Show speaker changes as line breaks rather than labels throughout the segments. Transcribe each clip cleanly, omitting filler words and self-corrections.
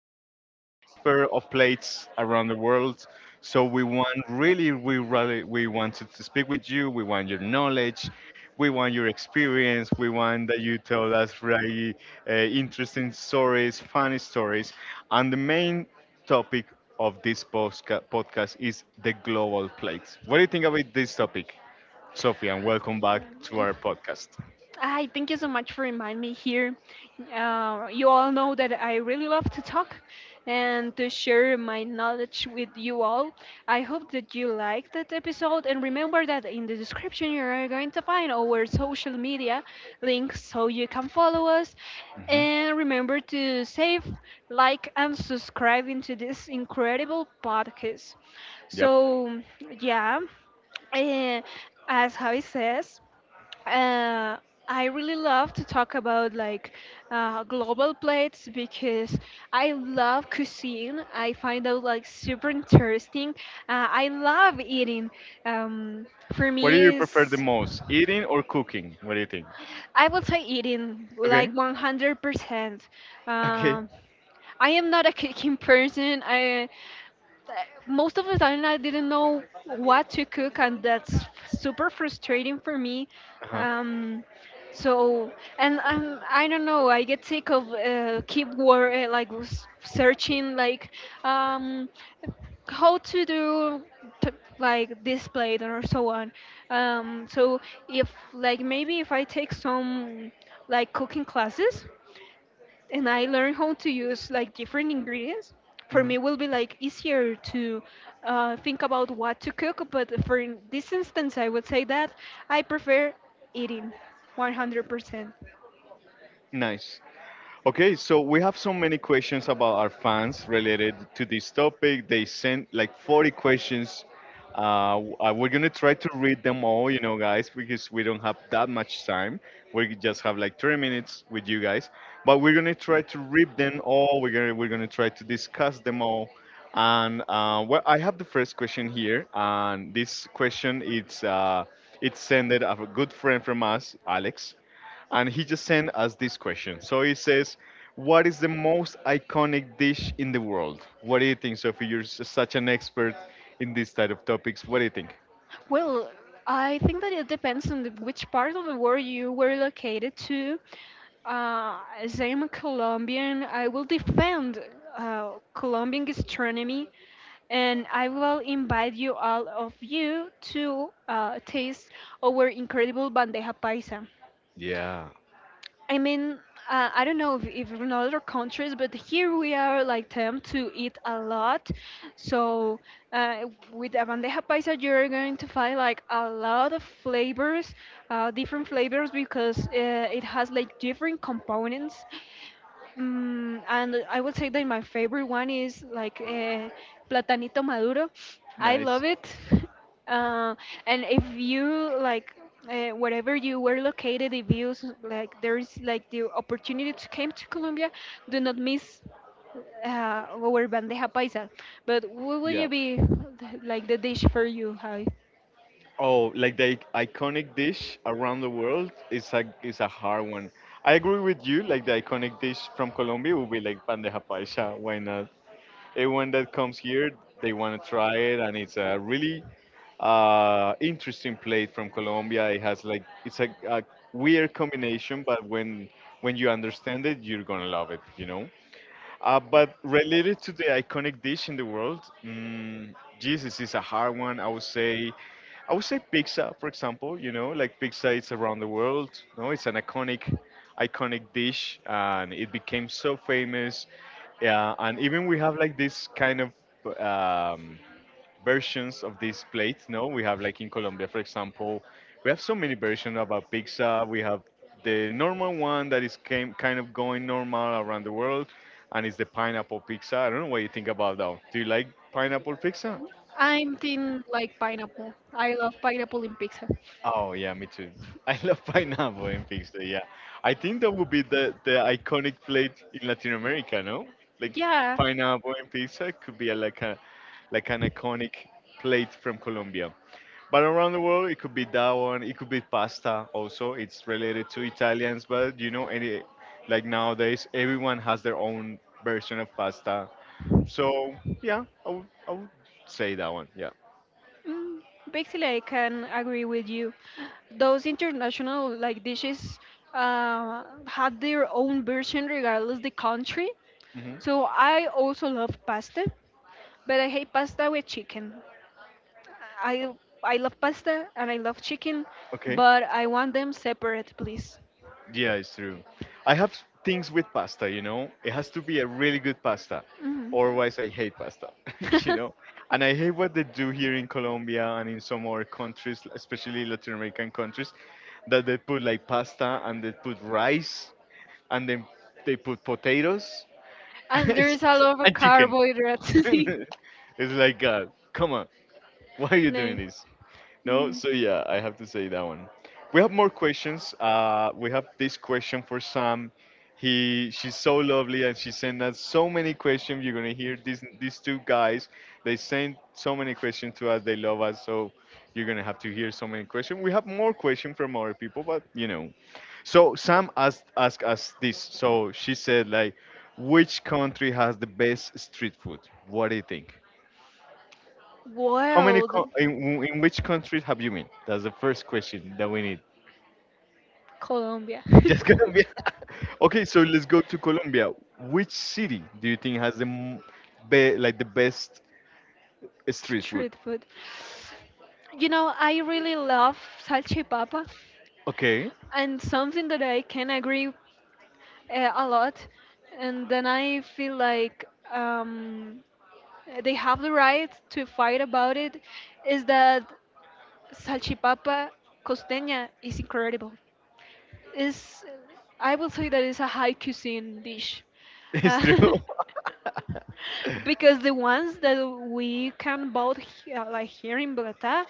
She's an expert of plates around the world. So we wanted to speak with you. We want your knowledge. We want your experience. We want that you tell us really interesting stories, funny stories. And the main topic of this podcast is the global plate. What do you think about this topic, Sophie? And welcome back to our podcast.
Hi, thank you so much for reminding me here. You all know that I really love to talk and to share my knowledge with you all. I hope that you liked that episode, and remember that in the description you are going to find our social media links so you can follow us.
Mhm.
And remember to save, like, and subscribe into this incredible podcast.
Yep.
So, yeah, eh, as Javi says, uh, I really love to talk about like global plates because I love cuisine. I find out like super interesting. I love eating. Um, for
What do
me
you prefer the
is
most, eating or cooking? What do you think?
I would say eating like
Okay.
100%.
Okay.
Um, I am not a cooking person. I Most of the time I didn't know what to cook, and that's super frustrating for me.
Uh-huh.
Um, so, and I don't know. I get sick of keep like searching like, um, how to do t- like display it or so on. So if, like, maybe if I take some like cooking classes and I learn how to use like different ingredients, for
hmm
me will be like easier to think about what to cook. But for in this instance I would say that I prefer eating 100%.
Nice. Okay, so we have so many questions about our fans related to this topic. They sent like 40 questions. We're gonna try to read them all, you know, guys, because we don't have that much time. We just have like 30 minutes with you guys, but we're gonna try to read them all. We're gonna try to discuss them all. And well, I have the first question here, and this question, it's sent a good friend from us, Alex. And he just sent us this question. So he says, "What is the most iconic dish in the world?" What do you think, Sophie? You're such an expert in this type of topics. What do you think?
Well, I think that it depends on which part of the world you were located to. As I'm a Colombian, I will defend Colombian gastronomy, and I will invite you all of you to taste our incredible bandeja paisa.
Yeah.
I mean, I don't know if in other countries, but here we are like them to eat a lot. So, uh, with a bandeja paisa, you're going to find like a lot of flavors, different flavors because it has like different components. Mm, and I would say that my favorite one is like, platanito maduro. I
Nice.
love it. Uh, and if you like, wherever you were located, if you like there is like the opportunity to came to Colombia, do not miss our bandeja paisa. But what will
Yeah.
you be like the dish for you, Javi?
Oh, like the iconic dish around the world is a hard one. I agree with you. Like the iconic dish from Colombia would be like bandeja paisa. Why not? Everyone that comes here, they want to try it, and it's a really interesting plate from Colombia. It has like it's a weird combination, but when you understand it, you're gonna love it, you know. But related to the iconic dish in the world, mm, Jesus is a hard one. I would say pizza, for example. You know, like pizza, is around the world. No, it's an iconic dish, and it became so famous. Yeah, and even we have like this kind of um, versions of these plates. No, we have like in Colombia, for example, we have so many versions of a pizza. We have the normal one that is came, kind of going normal around the world, and it's the pineapple pizza. I don't know what you think about that. Do you like pineapple pizza?
I'm thinking like pineapple. I love pineapple in pizza.
Oh yeah, me too. I love pineapple and pizza. Yeah, I think that would be the iconic plate in Latin America. No, like
Yeah.
pineapple and pizza could be a like an iconic plate from Colombia. But around the world, it could be that one. It could be pasta. Also, it's related to Italians. But you know, any like nowadays, everyone has their own version of pasta. So yeah, I would say that one. Yeah.
Mm, basically, I can agree with you. Those international like dishes have their own version regardless the country.
hmm
So I also love pasta, but I hate pasta with chicken. I I love pasta and I love chicken,
Okay.
but I want them separate, please.
Yeah, it's true. I have things with pasta. You know, it has to be a really good pasta.
Mhm.
Otherwise, I hate pasta. You know, and I hate what they do here in Colombia and in some other countries, especially Latin American countries that they put like pasta and they put rice and then they put potatoes
And there is a lot of
and chicken.
carbohydrates. It's
It's like God, come on, why are you doing this? No, so yeah, I have to say that one. We have more questions. We have this question for Sam. He, she's so lovely, and she sent us so many questions. You're gonna hear these two guys. They send so many questions to us. They love us, so you're gonna have to hear so many questions. We have more questions from other people, but you know, so Sam asked us this. So she said like, which country has the best street food? What do you think? How many co- in which countries have you been? That's the first question that we need.
Colombia.
Just Colombia.
Colombia,
Okay, so let's go to Colombia. Which city do you think has the like the best
street food?
street food?
Street food. You know, I really love salchipapa,
Okay,
and something that I can agree a lot. And then I feel like, um, they have the right to fight about it is that salchipapa costeña is incredible. Is, I will say that it's a high cuisine dish.
it's
Uh,
true.
because the ones that we can bought here, like here in Bogota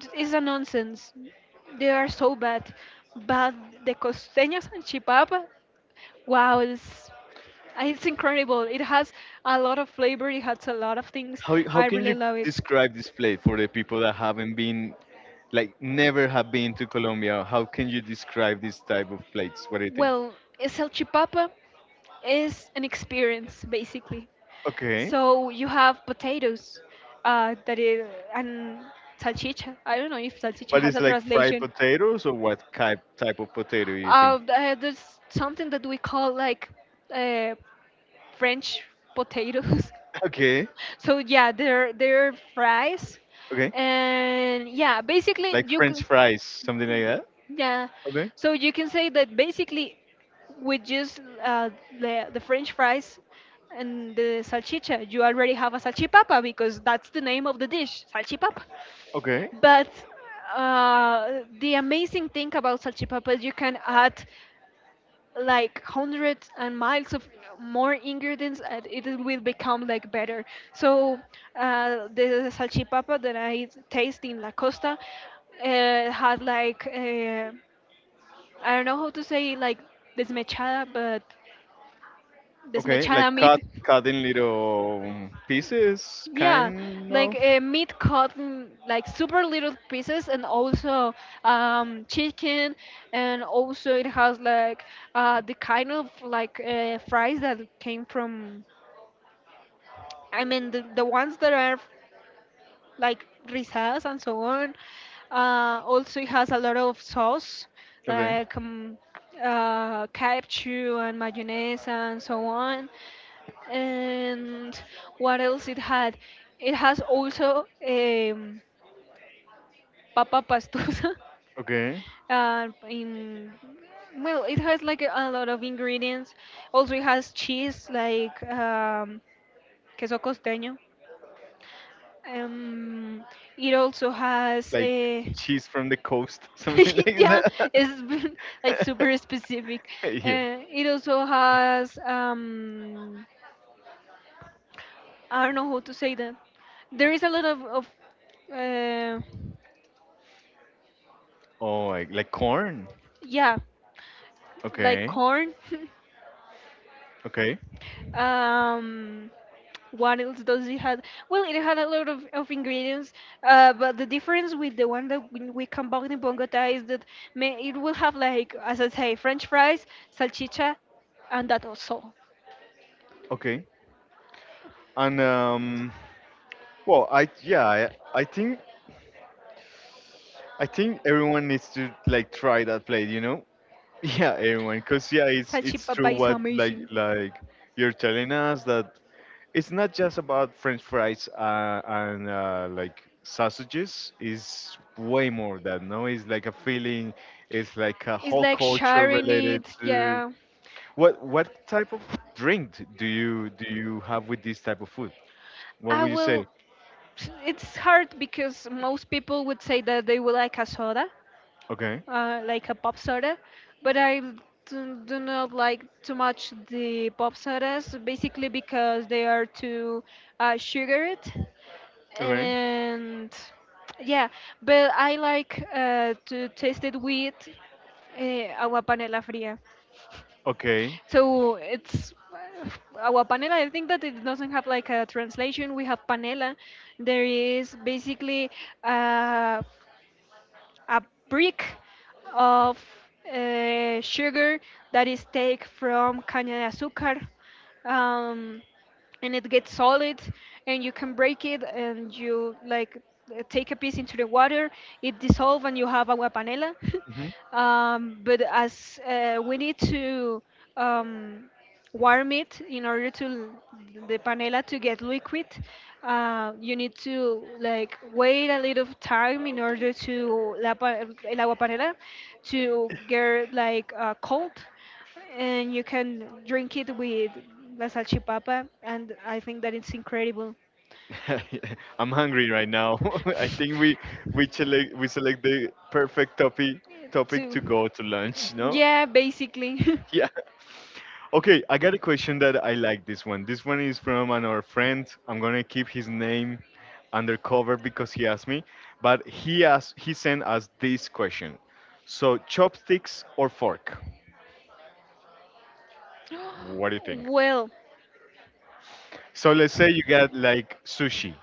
It's a nonsense. They are so bad. But the costeños and chipapa, wow, it's incredible. It has a lot of flavor. It has a lot of things.
How
I
can
really
you
love it.
describe this place for the people that haven't been, like never have been to Colombia? How can you describe this type of plates? What do you think?
Well, salchipapa is an experience basically.
Okay,
So you have potatoes, uh, that is, and salchicha. I don't know if salchicha
but
has
it's
a
like fried
translation.
potatoes or what type of potato you think?
There's something that we call like, uh, French potatoes.
Okay,
So yeah, they're fries,
okay,
and yeah, basically
like
you
French
can.
fries, something like that.
Yeah.
Okay,
So you can say that basically with just the French fries and the salchicha, you already have a salchipapa because that's the name of the dish, salchipapa.
okay,
But the amazing thing about salchipapa is you can add like hundreds and miles of more ingredients, and it will become like better. So the salchipapa that I taste in la costa, had like, I don't know how to say like desmechada, but
okay, like
desmechada meat.
cut in little pieces,
Yeah,
kind
like
of.
meat cut in like super little pieces, and also chicken, and also it has like the kind of like fries that came from, I mean the ones that are like risas and so on. Also, it has a lot of sauce,
Okay,
like ketchup and mayonnaise and so on, and what else it had? It has also papa pastusa.
okay,
In Well, it has like a lot of ingredients. Also, it has cheese like queso costeño. Um, it also has
like cheese from the coast, something like
yeah,
that.
it's like super specific.
Yeah.
It also has, I don't know how to say that. There is a lot of, uh,
Oh, like corn.
yeah, like
Okay.
corn.
Okay.
um, what else does it have? Well, it had a lot of ingredients, but the difference with the one that we can buy in Bogota is that may, it will have like, as I say, French fries, salchicha, and that also.
Okay. And well, I yeah, I think everyone needs to like try that plate. You know. Yeah, everyone. Cause yeah, it's true
Salchipapa is
what like
amazing.
like you're telling us that it's not just about French fries and like sausages. It's way more than No, it's like a feeling. It's like a
It's
whole
like
culture
sharing
related
it.
to.
Yeah.
What type of drink do you have with this type of food? What
I
would you say?
will. It's hard because most people would say that they would like a soda,
Okay,
like a pop soda, but do not like too much the pop sodas, basically because they are too sugared.
okay,
And yeah, but I like to taste it with agua panela fría.
okay.
So it's agua panela. I think that it doesn't have like a translation. We have panela. There is basically uh, a brick of sugar that is take from caña de azúcar. Um, and it gets solid and you can break it, and you like, take a piece into the water, it dissolves, and you have agua panela.
hmm
But as we need to, um, warm it in order to the panela to get liquid, you need to like wait a little time in order to el agua panela to get like cold, and you can drink it with la salchipapa, and I think that it's incredible.
I'm hungry right now. I think we select the perfect topic
Too.
to go to lunch. No?
Yeah, basically.
Yeah. Okay, I got a question that I like this one. This one is from another friend. I'm gonna keep his name undercover because he asked me, but he sent us this question. So chopsticks or fork? What do you think?
Well,
So let's say you get like sushi,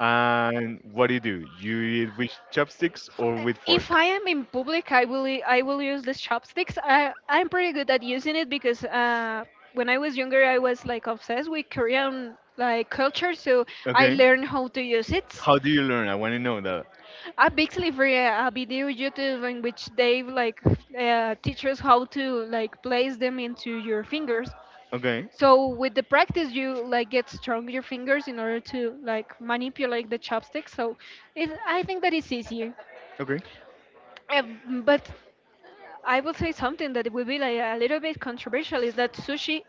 and what do? You eat with chopsticks or with
if
fork?
I am in public, I will I will use these chopsticks. I'm pretty good at using it because when I was younger, I was like obsessed with Korean like culture, so I
Okay.
learned how to use it.
How do you learn? I want to know that.
I basically for a video YouTube in which they like, teach us how to like place them into your fingers.
Okay.
So with the practice, you like get strong your fingers in order to like manipulate the chopsticks. So it, I think that it's easier.
Okay.
But I will say something that will be like a little bit controversial is that sushi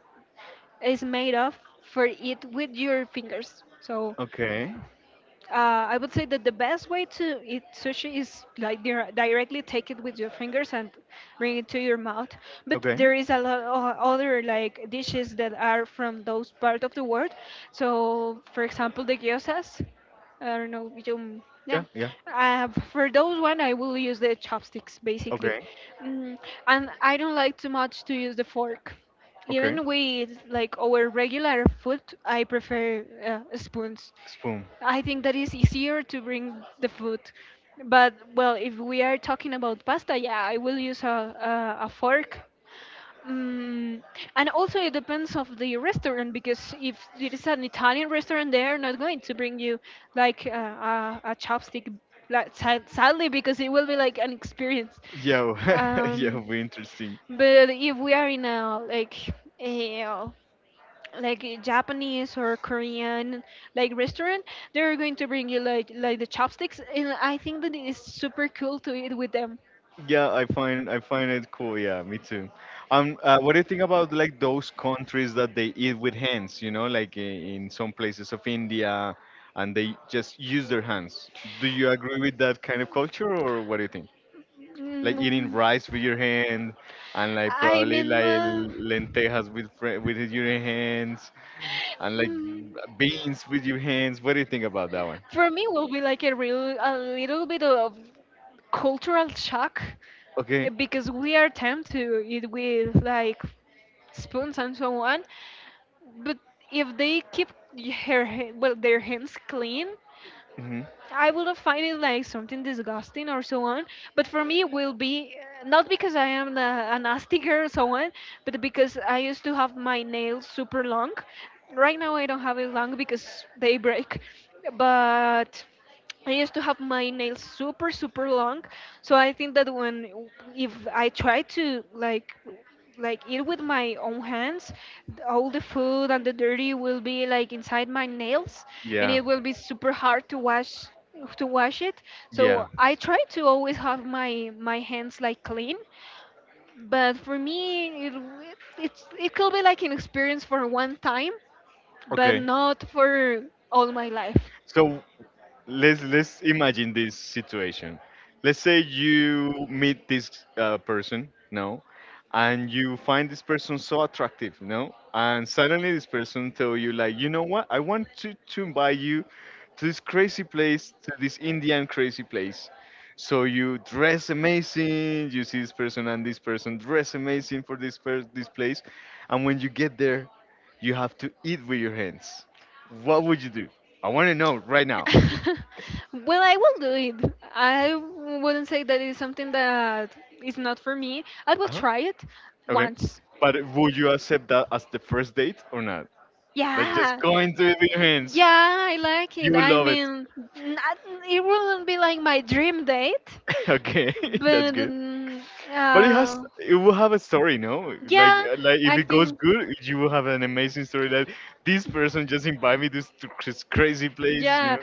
is made of for eat with your fingers. So
Okay.
uh, I would say that the best way to eat sushi is like directly take it with your fingers and bring it to your mouth. But
Okay.
there is a lot of other like dishes that are from those part of the world. So, for example, the gyozas. I don't know. You, yeah.
Yeah. Yeah.
For those one, I will use the chopsticks basically,
Okay.
mm, and I don't like too much to use the fork.
Okay.
Even with like our regular food, I prefer spoons.
Spoon.
I think that is easier to bring the food. But well, if we are talking about pasta, yeah, I will use a fork. Mm, and also it depends of the restaurant because if it is an Italian restaurant, they are not going to bring you like, a chopstick, like, sadly, because it will be like an experience.
Yo, yeah, it'll
Um,
be interesting.
but if we are in a like a like a Japanese or Korean like restaurant, they're going to bring you like the chopsticks, and I think that it is super cool to eat with them.
Yeah, I find it cool. Yeah, me too. What do you think about like those countries that they eat with hands? You know, like in some places of India, and they just use their hands. Do you agree with that kind of culture, or what do you think? Like eating
Mm,
rice with your hand, and like
I
probably
mean,
like lentejas with your hands, and like
mm,
beans with your hands. What do you think about that one?
for me, will be like a real a little bit of cultural shock
Okay.
because we are tempted to eat with like spoons and so on, but if they keep well, their hands clean,
hmm
I would have find it like something disgusting or so on. But for me, it will be not because I am a nasty girl or so on, but because I used to have my nails super long. Right now, I don't have it long because they break. But I used to have my nails super super long, so I think that when if I try to like eat with my own hands, all the food and the dirty will be like inside my nails, and
Yeah.
it will be super hard to wash it.
Yeah.
So I try to always have my hands like clean, but for me it it's it could be like an experience for one time, but
Okay.
not for all my life.
So, let's imagine this situation. Let's say you meet this person, no, and you find this person so attractive, no, and suddenly this person tell you like, you know what? I want to invite you to this crazy place, to this Indian crazy place. So you dress amazing. You see this person and this person dress amazing for this place, and when you get there, you have to eat with your hands. What would you do? I want to know right now.
Well, I will do it. I wouldn't say that it's something that is not for me. I will
Uh-huh.
try it
Okay.
once.
But would you accept that as the first date or not? Like just
Yeah.
going to
Uh,
it with your hands.
Yeah, I like it.
You will
I
love it.
mean, not, it wouldn't be like my dream date,
Okay, that's
but
good. But it has
uh,
it will have a story, no?
yeah,
Like if
I
it goes
think.
good, you will have an amazing story that this person just invited me to this crazy place, you
Yeah,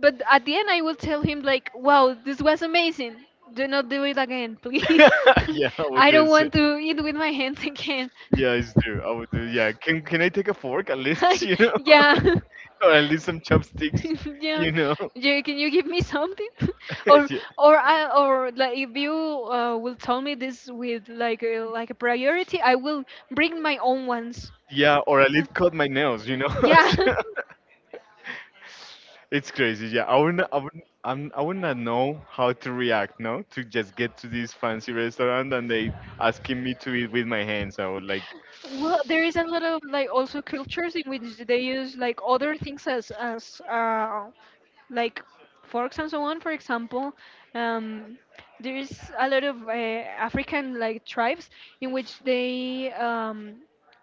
but at the end I will tell him like, "Wow, this was amazing. Do not do it again, please.
know? Yeah, with
I don't
this.
want to eat with my hands again."
Yeah, it's true. I would do. Yeah, can I take a fork at least? You know,
Yeah,
or at least some chopsticks. You know.
yeah, yeah, yeah. Can you give me something? or
Yeah.
or like if you will tell me this with like like a priority, I will bring my own ones.
Yeah, or at least cut my nails. You know.
Yeah.
It's crazy, yeah. I would not know how to react, no? To just get to this fancy restaurant and they asking me to eat with my hands. I would like,
Well, there is a lot of like also cultures in which they use like other things as like forks and so on. For example, um, there is a lot of African like tribes in which they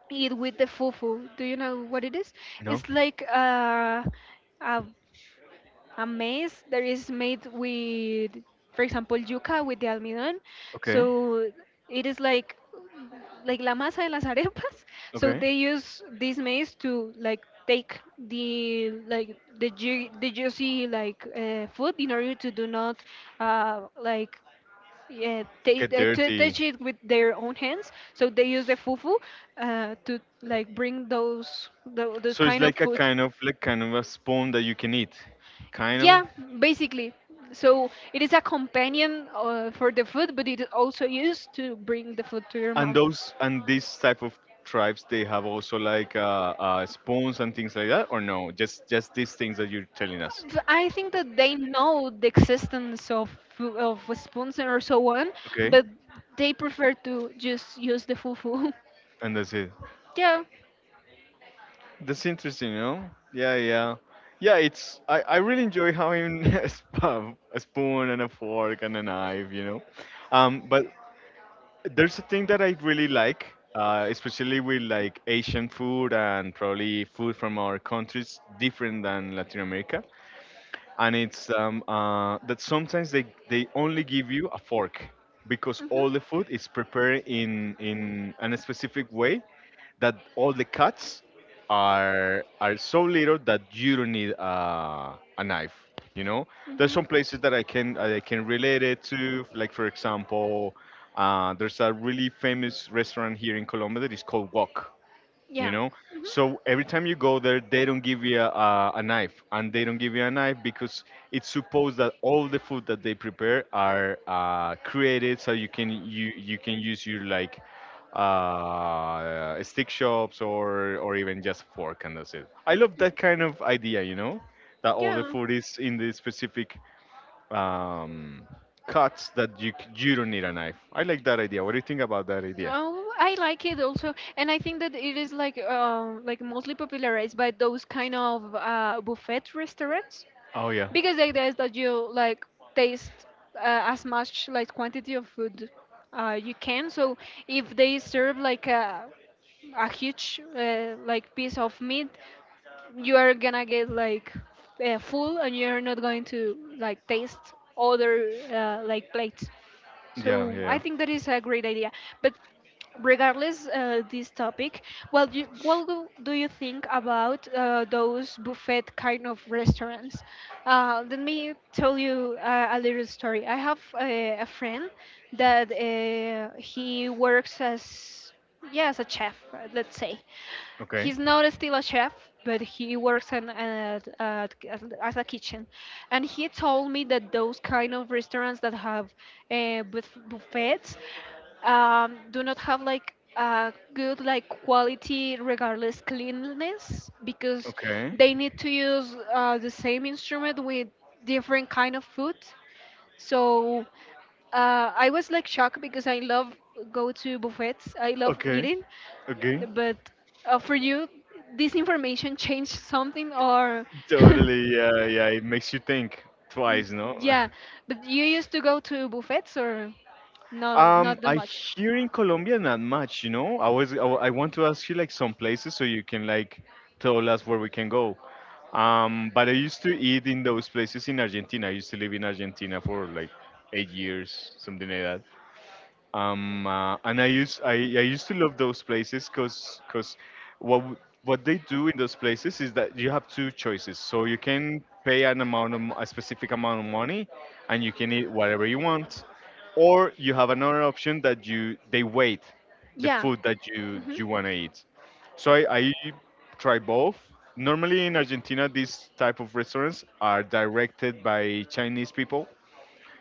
eat with the fufu. Do you know what it is?
no,
It's like a a maize that is made with, for example, yuca with the almidón.
okay,
So it is like la masa de las arepas. So they
okay.
use this maize to like take the like the the juicy like food in order to do not uh, like
Get
to
dirty.
touch it with their own hands. So they use the fufu to like bring those
So it's
kind of
like a
food.
kind of like kind of a spawn that you can eat, kind of.
Yeah, basically. So it is a companion for the food, but it is also used to bring the food to your
And
mouth.
those and these type of tribes, they have also like spawns and things like that, or no? Just these things that you're telling us.
I think that they know the existence of spoons or so on,
Okay,
but they prefer to just use the fufu.
and that's it.
Yeah,
That's interesting, you know? Yeah, yeah, yeah. It's I really enjoy having sp- a spoon and a fork and a knife, you know. But there's a thing that I really like, especially with like Asian food and probably food from our countries different than Latin America and it's that sometimes they only give you a fork because all the food is prepared in a specific way that all the cuts are so little that you don't need a knife. You know, there's some places that I can relate it to. Like for example, there's a really famous restaurant here in Colombia that is called Wok you
yeah.
know
Mhm.
so every time you go there they don't give you a knife, and they don't give you a knife because it's supposed that all the food that they prepare are created so you can you can use your like stick shops or even just fork, and that's it. I love that kind of idea, you know, that all the
Yeah.
food is in the specific um, cuts that you don't need a knife. I like that idea. What do you think about that idea?
Oh, I like it also, and I think that it is like mostly popularized by those kind of buffet restaurants
Oh yeah.
because the idea is that you like taste as much like quantity of food you can. So if they serve like a huge like piece of meat, you are gonna get like full, and you're not going to like taste other like plates.
Yeah,
So I
yeah.
think that is a great idea. But regardless this topic, well, you, what do you think about those buffet kind of restaurants? Let me tell you a little story. I have a friend that he works as yeah as a chef, let's say.
Okay.
He's not still a chef, but he works as a kitchen. And he told me that those kind of restaurants that have buffets do not have like a good like quality regardless cleanliness because
Okay.
they need to use the same instrument with different kind of food, so I was like shocked because I love go to buffets. I love
Okay.
eating,
Okay.
but for you, this information changed something or
Totally. Yeah. Yeah. It makes you think twice, no?
yeah. But you used to go to buffets or not,
Um,
not that
I
much.
here in Colombia not much, you know. I was I, wa- I want to ask you like some places so you can like tell us where we can go. But I used to eat in those places in Argentina. I used to live in Argentina for like 8 years, something like and I used to love those places because what w- what they do in those places is that you have two choices. So you can pay an amount of a specific amount of money, and you can eat whatever you want, or you have another option that you they wait the
Yeah.
food that you
Hmm.
you want to eat. So I try both. Normally in Argentina, these type of restaurants are directed by Chinese people,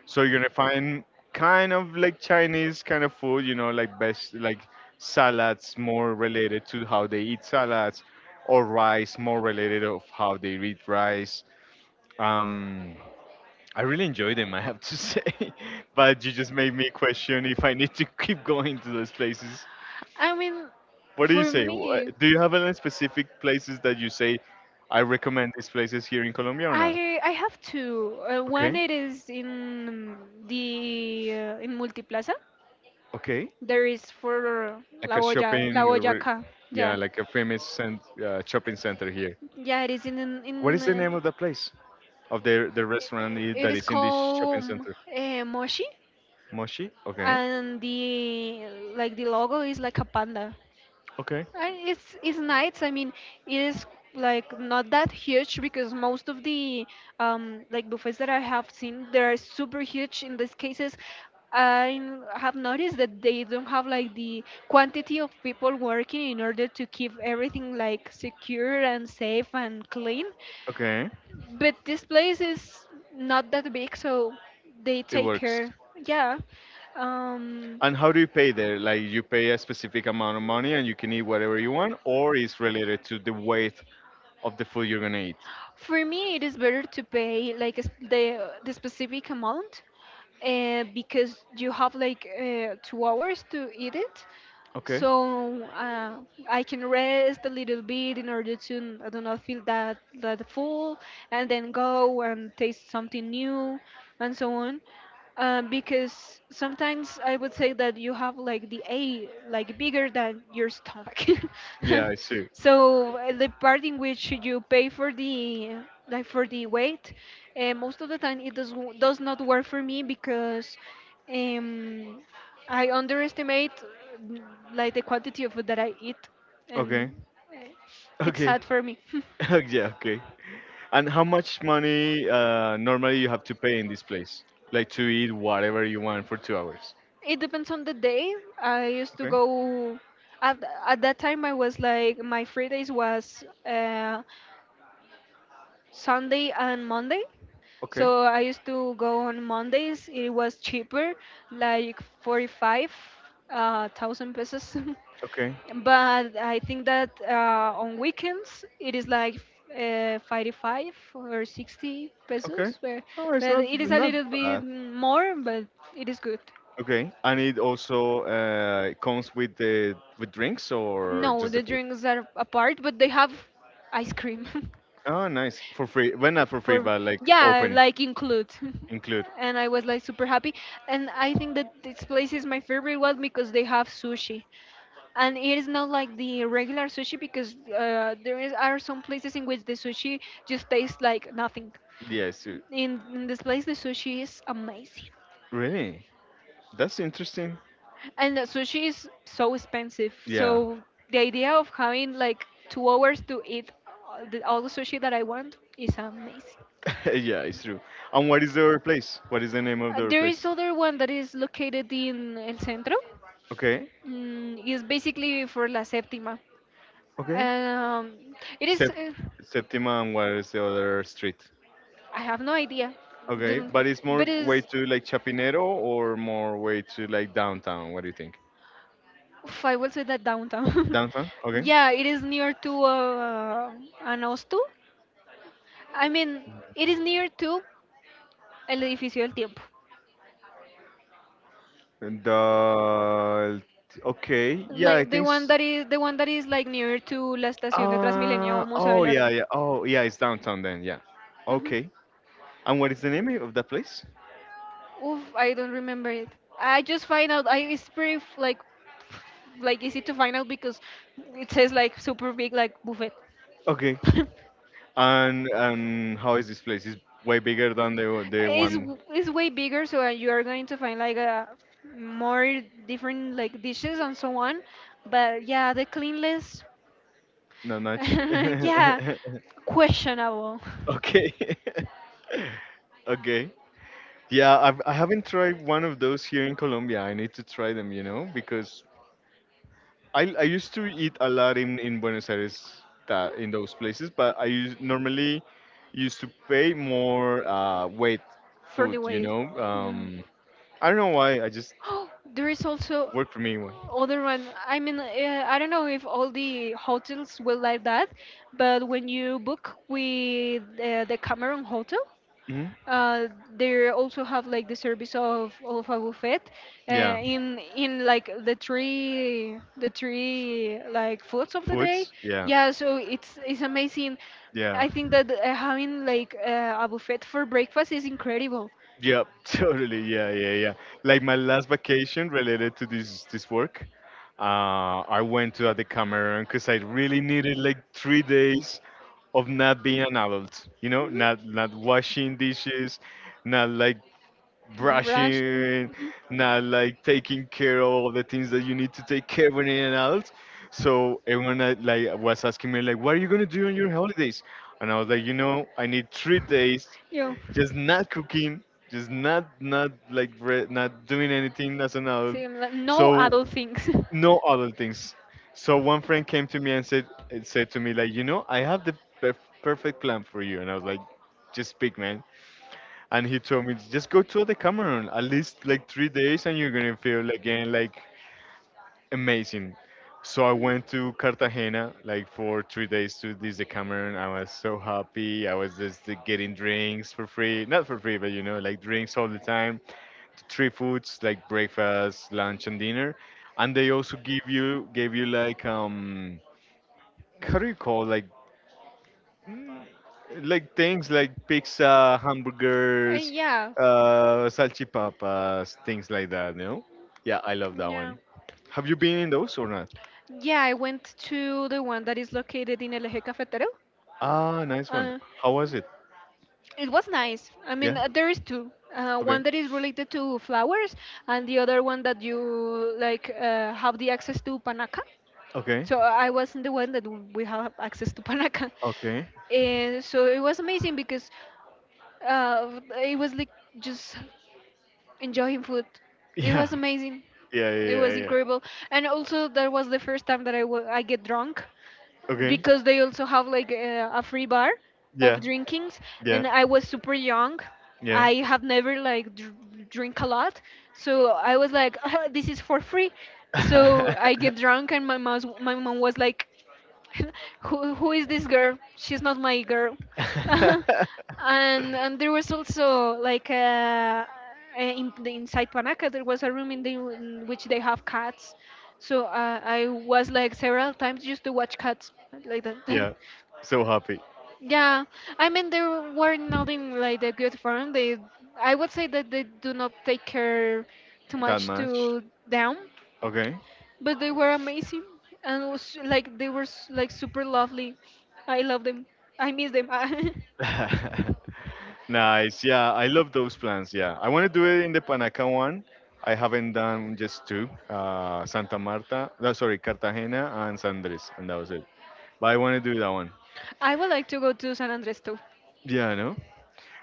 so you're gonna find kind of like Chinese kind of food, you know, like best like salads more related to how they eat salads, or rice more related of how they eat rice. Um, I really enjoy them, I have to say, but you just made me question if I need to keep going to those places.
I mean,
What do you
for
say?
me,
Do you have any specific places that you say I recommend these places here in Colombia or not?
I have two. One
Okay,
it is in the in Multiplaza.
okay.
There is for
Like
La
a
Boya, La
shopping,
Boyaca.
yeah,
Yeah,
like a famous shopping center here.
yeah. It is
What is the name of the place? Of the restaurant
it
that
is
is in this shopping
called
center?
Moshi,
Moshi. Okay.
and the like the logo is like a panda.
Okay.
And it's nice. I mean, it is like not that huge because most of the like buffets that I have seen they are super huge in these cases. I have noticed that they don't have like the quantity of people working in order to keep everything like secure and safe and clean.
Okay.
But this place is not that big, so they
It
take
works.
care. Yeah. Um,
And how do you pay there? Like you pay a specific amount of money and you can eat whatever you want, or it's related to the weight of the food you're gonna eat.
for me, it is better to pay like the specific amount, because you have like 2 hours to eat it,
Okay.
so I can rest a little bit in order to I do not feel that that full, and then go and taste something new, and so on. Because sometimes I would say that you have like the A like bigger than your stomach,
Yeah, I see.
so the part in which you pay for the like for the weight, most of the time it does not work for me because. Um, I underestimate mm, like the quantity of food that I eat,
Okay.
and eh, it's
Okay.
sad for me.
Yeah, okay. And how much money normally you have to pay in this place? Like to eat whatever you want for 2 hours.
It depends on the day. I used to
Okay,
go at, at that time. I was like my free days was Sunday and Monday.
okay,
So I used to go on Mondays. It was cheaper, like 45 thousand pesos.
okay,
But I think that on weekends it is like 55 or 60
okay.
pesos.
Oh, it's
But it is a
not
little bit
bad.
more, but it is good.
Okay, and it also comes with the with drinks or
No,
just the
the
food.
drinks are apart, but they have ice cream.
Oh, nice, for free. Well, not for free,
For
but like
yeah
open
like include.
include.
And I was like super happy, and I think that this place is my favorite one because they have sushi and it is not like the regular sushi because there is, are some places in which the sushi just tastes like nothing.
Yes,
In, in this place the sushi is amazing,
really. That's interesting.
and the sushi is so expensive,
Yeah,
so the idea of having like 2 hours to eat all the sushi that I want is amazing.
yeah, it's true. And what is the other place? What is the name of the other
There is
place?
other one that is located in El Centro.
Okay.
Mm, it's basically for La Séptima.
Okay.
Um, it is.
Sept- Septima and what is the other street?
I have no idea.
Okay,
The,
but it's more
but
way
it's.
to like Chapinero or more way to like downtown. What do you think?
Oof, I will say that downtown.
Downtown? Okay.
Yeah, it is near to Anastu. I mean, it is near to El Edificio del Tiempo.
And the okay, yeah, I
Like the
think
one that is the one that is like near to La Estación de Transmilenio
uh,
o Museo
oh
del
yeah,
Oro.
yeah. Oh yeah, it's downtown then. Yeah.
Mhm.
Okay. And what is the name of that place?
Oof, I don't remember it. I just find out. I it's pretty like easy to find out because it says like super big like buffet.
Okay. And how is this place? It's way
It's
bigger than the one.
it's way bigger, so you are going to find like a more different like dishes and so on. But yeah, the cleanliness,
Nanach.
yeah, questionable.
Okay. Okay. Yeah, I haven't tried one of those here in Colombia. I need to try them, you know, because I used to eat a lot in Buenos Aires that, in those places, but normally used to pay more weight
For
food,
the
you
weight.
know.
Mm.
I don't know why. I just
Oh, there is also
worked for me.
other one. I mean, I don't know if all the hotels will like that, but when you book with the Cameron Hotel,
Hmm.
uh, they also have like the service of a buffet
Yeah,
in like the three like foods of the day.
foods. Yeah,
Yeah, so it's amazing.
yeah.
I think that having like a buffet for breakfast is incredible.
Yep, totally. Yeah, yeah, yeah. Like my last vacation related to this work, I went to the Cameroon because I really needed like 3 days of not being an adult. You know, not
Hmm.
not washing dishes, not like
Brush.
brushing,
Hmm.
not like taking care of all the things that you need to take care of you an adult. So everyone like was asking me like, what are you gonna do on your holidays? And I was like, you know, I need 3 days,
Yeah.
just not cooking, just not like not doing anything as an adult.
Same, like, no
So
adult things.
no other things. So one friend came to me and said to me like, you know, I have the perf- perfect plan for you. And I was like, just speak, man, and he told me just go to the Cameroon at least like 3 days and you're gonna feel again like amazing. So I went to Cartagena like for 3 days to this the Cameroon. I was so happy. I was just like, getting drinks for free, not for free, but you know like drinks all the time. 3 foods like breakfast, lunch, and dinner, and they also give you gave you like how do you call like things like pizza, hamburgers,
Yeah.
salchipapas, things like that. You know? Yeah, I love that
Yeah.
one. Have you been in those or not?
Yeah, I went to the one that is located in El Eje Cafetero.
Ah, nice one.
Uh,
How was it?
It was nice. I
Yeah.
mean, there is two.
Okay.
One that is related to flowers, and the other one that you like have the access to panaca.
Okay.
So I wasn't the one that we have access to panaca,
Okay.
and so it was amazing because it was like just enjoying food. It
Yeah.
was amazing.
Yeah. Yeah.
It
Yeah.
was
Yeah.
incredible. And also, that was the first time that I I get drunk
Okay.
because they also have like a free bar of
Yeah.
drinkings.
Yeah.
And I was super young.
Yeah.
I have never like drink a lot. So I was like, "Ah, this is for free. So I get drunk, and my mom was like, who is this girl? She's not my girl. And there was also like in the inside Panaca there was a room in the in which they have cats. So I was like several times just to watch cats like that.
Yeah. So happy
Yeah, I mean they were not in like the good form. They, I would say that they do not take care too
that
much
much.
to them.
Okay.
But they were amazing and was like they were like super lovely. I love them. I miss them. I
Nice. Yeah, I love those plans. Yeah, I want to do it in the Panaca one. I haven't done just two, Santa Marta, no, sorry, Cartagena and San Andres, and that was it. But I want to do that one.
would like to go to San Andres too.
Yeah, I know.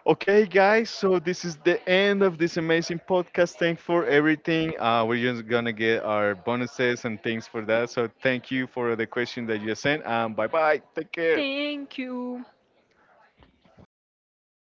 Okay, guys, so this is the end of this amazing podcast. Thanks for everything. We're just gonna get our bonuses and things for that. So thank you for the question that you sent. Bye bye. Take care.
Thank you.